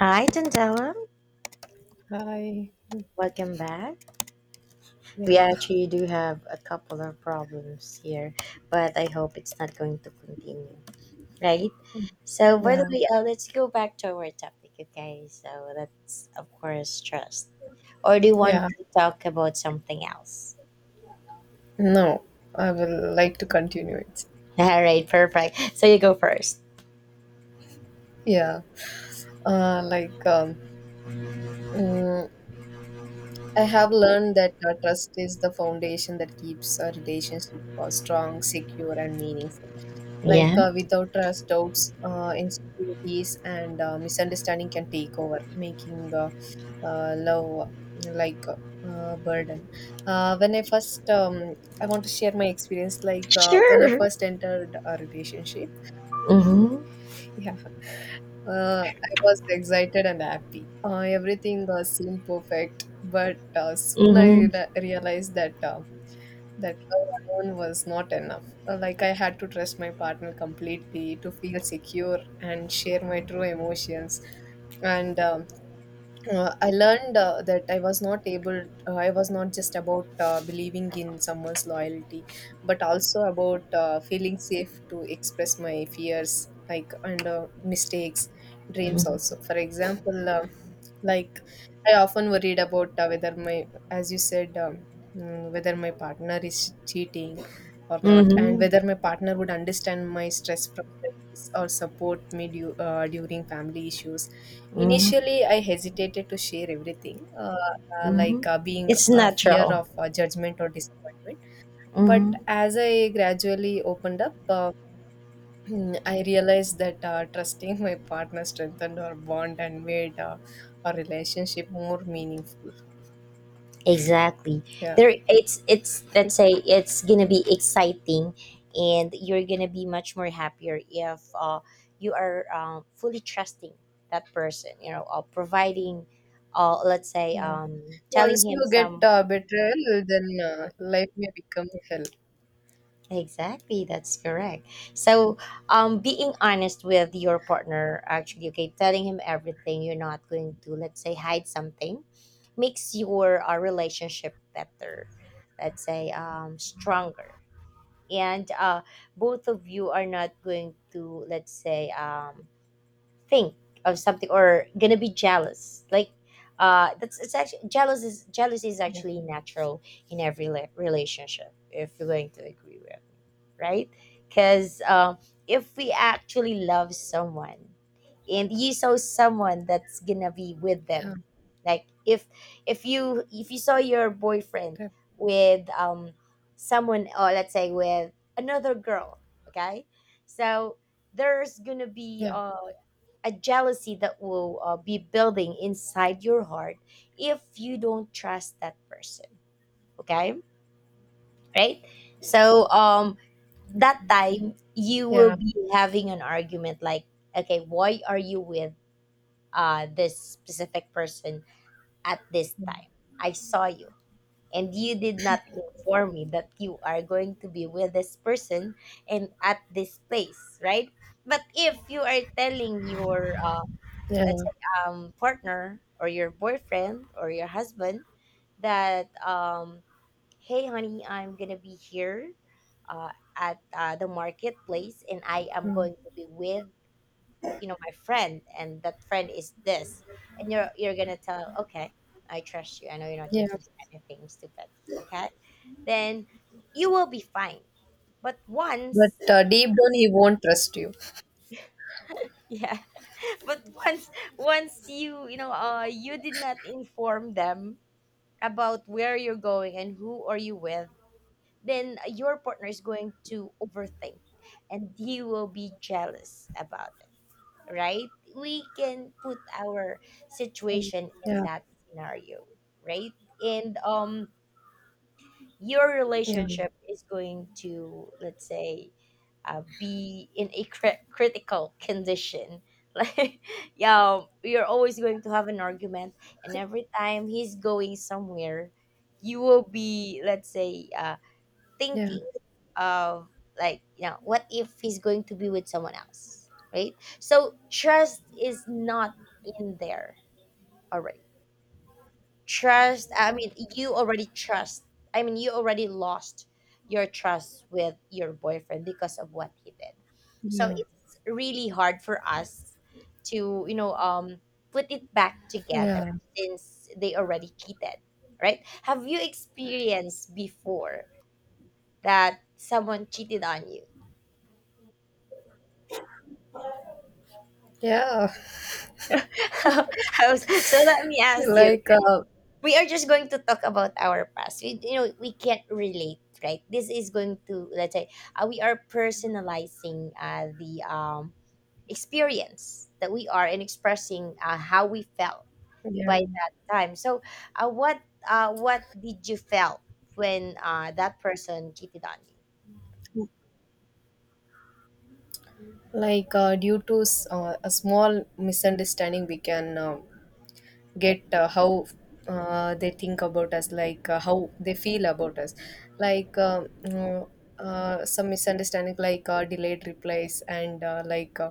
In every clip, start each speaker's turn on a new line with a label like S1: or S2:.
S1: Hi, Tandela.
S2: Hi.
S1: Welcome back. We
S2: Yeah,
S1: actually do have a couple of problems here, but I hope it's not going to continue, right? So, by the
S2: yeah,
S1: way, let's go back to our topic, okay? So, that's, of course, trust. Or do you want
S2: yeah.
S1: to talk about something else?
S2: No, I will like to continue it.
S1: All right, perfect. So, you go first.
S2: Yeah. Uh, like um, mm, I have learned that trust is the foundation that keeps a relationship strong, secure, and meaningful.
S1: Yeah,
S2: Like without trust, doubts, insecurities, and misunderstanding can take over, making love like a burden. I want to share my experience. Like when I
S1: sure.
S2: first entered a relationship,
S1: Mm-hmm.
S2: yeah, I was excited and happy. Everything seemed perfect, but soon I
S1: Mm-hmm.
S2: realized that love alone was not enough. Like I had to trust my partner completely to feel secure and share my true emotions. And I learned that I was not just about believing in someone's loyalty, but also about feeling safe to express my fears, like, and mistakes, dreams
S1: Mm-hmm.
S2: also. For example, like, I often worried about whether my, as you said, whether my partner is cheating or not, and
S1: Mm-hmm.
S2: whether my partner would understand my stress from studies or support me during family issues.
S1: Mm-hmm.
S2: Initially, I hesitated to share everything,
S1: Mm-hmm.
S2: being
S1: It's
S2: a fear
S1: natural.
S2: of judgment or disappointment. But
S1: Mm-hmm.
S2: as I gradually opened up, I realized that trusting my partner strengthened our bond and made our relationship more meaningful.
S1: Exactly.
S2: Yeah,
S1: There, it's let's say it's gonna be exciting, and you're gonna be much more happier if you are fully trusting that person, you know, or providing let's say
S2: yeah.
S1: telling
S2: Once
S1: him
S2: you get
S1: some.
S2: betrayal, then life may become hell.
S1: Exactly, that's correct. So, being honest with your partner, actually, okay, telling him everything, you're not going to, let's say, hide something, makes your relationship better, let's say, stronger, and both of you are not going to, let's say, think of something or gonna be jealous. Like, that's, it's actually jealous, is, jealousy is
S2: Yeah,
S1: actually natural in every relationship, if you're going to agree with me, right? Because, if we actually love someone and you saw someone that's gonna be with
S2: yeah,
S1: them, like, if you if you saw your boyfriend
S2: yeah,
S1: with, someone, or let's say with another girl, okay, so there's gonna be
S2: yeah,
S1: a jealousy that will be building inside your heart if you don't trust that person, okay, right? So, that time you will
S2: yeah.
S1: be having an argument, like, okay, why are you with this specific person at this time? I saw you, and you did not inform me that you are going to be with this person and at this place, right? But if you are telling your
S2: Yeah.
S1: let's say, partner or your boyfriend or your husband that, hey honey, I'm gonna be here at the marketplace, and I am
S2: Mm.
S1: going to be with, you know, my friend, and that friend is this, and you're gonna tell, okay, I trust you, I know you're not going
S2: Yeah.
S1: to do anything stupid, okay, then you will be fine. But
S2: But
S1: once,
S2: deep down, he won't trust you.
S1: yeah, but once, once you know, you did not inform them about where you're going and who are you with, then your partner is going to overthink, and he will be jealous about it, right? We can put our
S2: Mm.
S1: situation in
S2: Yeah,
S1: that scenario, right? And your
S2: yeah,
S1: relationship is going to, let's say, be in a critical condition. Like, yeah, you're always going to have an argument, and every time he's going somewhere, you will be, let's say,
S2: yeah,
S1: thinking of, like, you know, what if he's going to be with someone else, right? So trust is not in there already. Trust, I mean, you already trust, I mean, you already lost your trust with your boyfriend because of what he did. So
S2: yeah,
S1: it's really hard for us to, you know, put it back together,
S2: yeah.
S1: since they already cheated, right? Have you experienced before that someone cheated on you?
S2: Yeah,
S1: So let me ask you,
S2: like uh,
S1: we are just going to talk about our past. We, you know, we can't relate, right? This is going to, let's say, we are personalizing the, experience that we are, and expressing how we felt
S2: yeah,
S1: by that time. So, uh, what what did you felt when that person cheated on you?
S2: due to a small misunderstanding, we can get how they think about us, like how they feel about us, like some misunderstanding like delayed replies and uh, like uh,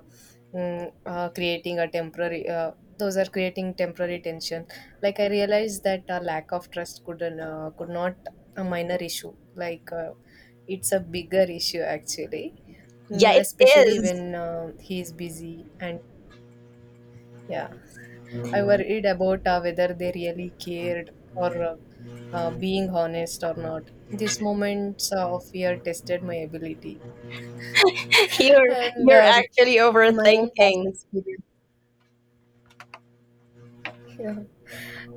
S2: mm, uh, creating a temporary those are creating temporary tension. Like I realized that a lack of trust could not a minor issue, it's a bigger issue actually.
S1: Yeah,
S2: Mm,
S1: it
S2: especially
S1: is.
S2: when he is busy. And yeah, I worried about whether they really cared or being honest or not. These moments of fear tested my ability
S1: You're
S2: and
S1: you're
S2: um,
S1: actually
S2: my own past
S1: overthinking.
S2: experience. Yeah.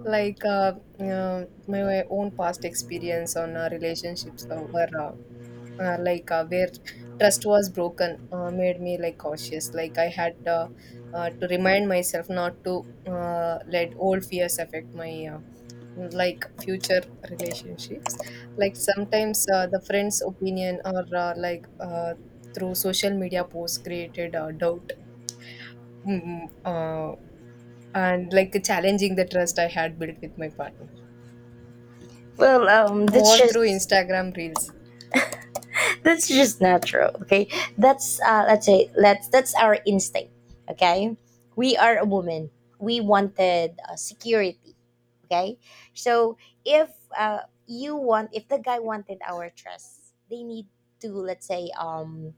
S2: Like uh, my own past experience on relationships were where trust was broken made me like cautious. Like I had to remind myself not to let old fears affect my like future relationships. Like sometimes the friends opinion or through social media posts created doubt, mm, mm, uh, and like challenging the trust I had built with my partner,
S1: Well, that's
S2: more through
S1: just,
S2: Instagram reels.
S1: that's just natural, okay? That's let's say, let's that's our instinct, okay? We are a woman. We wanted security, okay? So if you want, if the guy wanted our trust, they need to, let's say,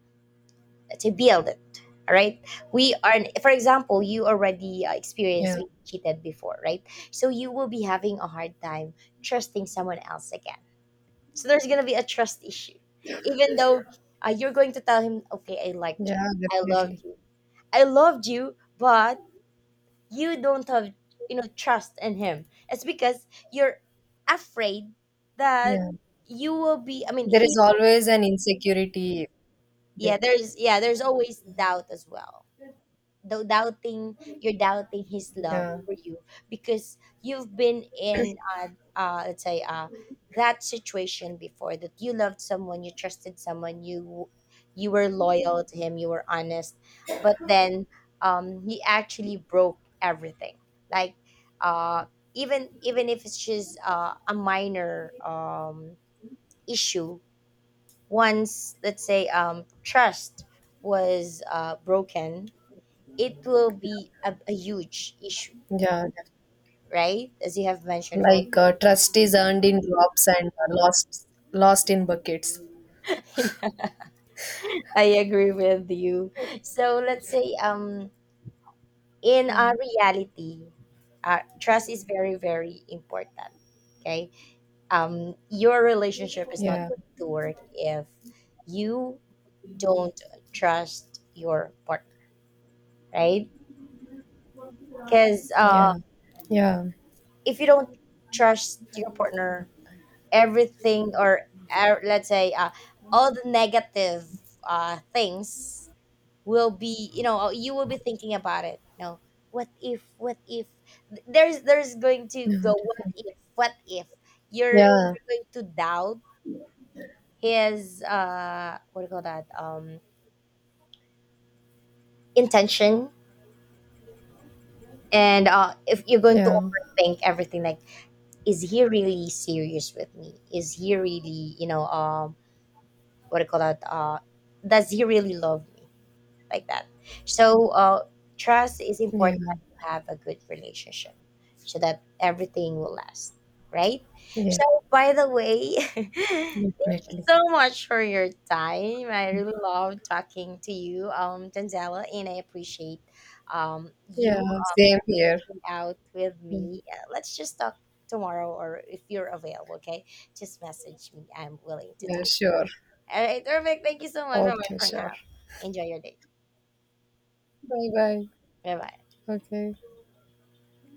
S1: let's say build it. All right. We are, for example, you already experienced
S2: Yeah.
S1: being cheated before, right? So you will be having a hard time trusting someone else again, so there's gonna be a trust issue, even though you're going to tell him, "Okay, I liked you,
S2: Yeah,
S1: I loved
S2: definitely.
S1: you, I loved you," but you don't have, you know, trust in him. It's because you're afraid that
S2: Yeah.
S1: you will be. I mean,
S2: There
S1: he.
S2: is always an insecurity.
S1: Yeah, there's, yeah, there's always doubt as well. Though doubting, you're doubting his love
S2: Yeah,
S1: for you, because you've been in let's say that situation before, that you loved someone, you trusted someone, you were loyal to him, you were honest, but then, he actually broke everything, like, uh even if it's just a minor issue, once, let's say, trust was broken, it will be a huge issue,
S2: yeah. Yeah.
S1: right? As you have mentioned earlier.
S2: Like trust is earned in drops and lost in buckets.
S1: Yeah, I agree with you. So let's say, in
S2: Yeah,
S1: our reality, trust is very, very important. Okay, your relationship is not
S2: yeah,
S1: going to work if you don't trust your partner, right? Because
S2: yeah,
S1: if you don't trust your partner, everything, or let's say, all the negative things will be, you know, you will be thinking about it, you know, what if, what if, there's going to
S2: yeah,
S1: go what
S2: definitely.
S1: if, what if, you're,
S2: Yeah,
S1: you're going to doubt his what do you call that, intention. And if you're going to
S2: yeah,
S1: overthink everything, like, is he really serious with me, is he really, you know, what do you call that, does he really love me, like that. So trust is
S2: yeah,
S1: important to have a good relationship, so that everything will last, right?
S2: yeah,
S1: So, by the way, thank you
S2: definitely.
S1: so much for your time. I really love talking to you, Tanzela, and I appreciate
S2: Yeah,
S1: you,
S2: same here.
S1: reaching out with
S2: Yeah,
S1: me. Let's just talk tomorrow, or if you're available, okay? Just message me. I'm willing to
S2: yeah,
S1: talk.
S2: sure.
S1: All right, perfect. Thank you so much for
S2: Okay, sure.
S1: now. Enjoy your day.
S2: Bye bye.
S1: Bye bye.
S2: Okay.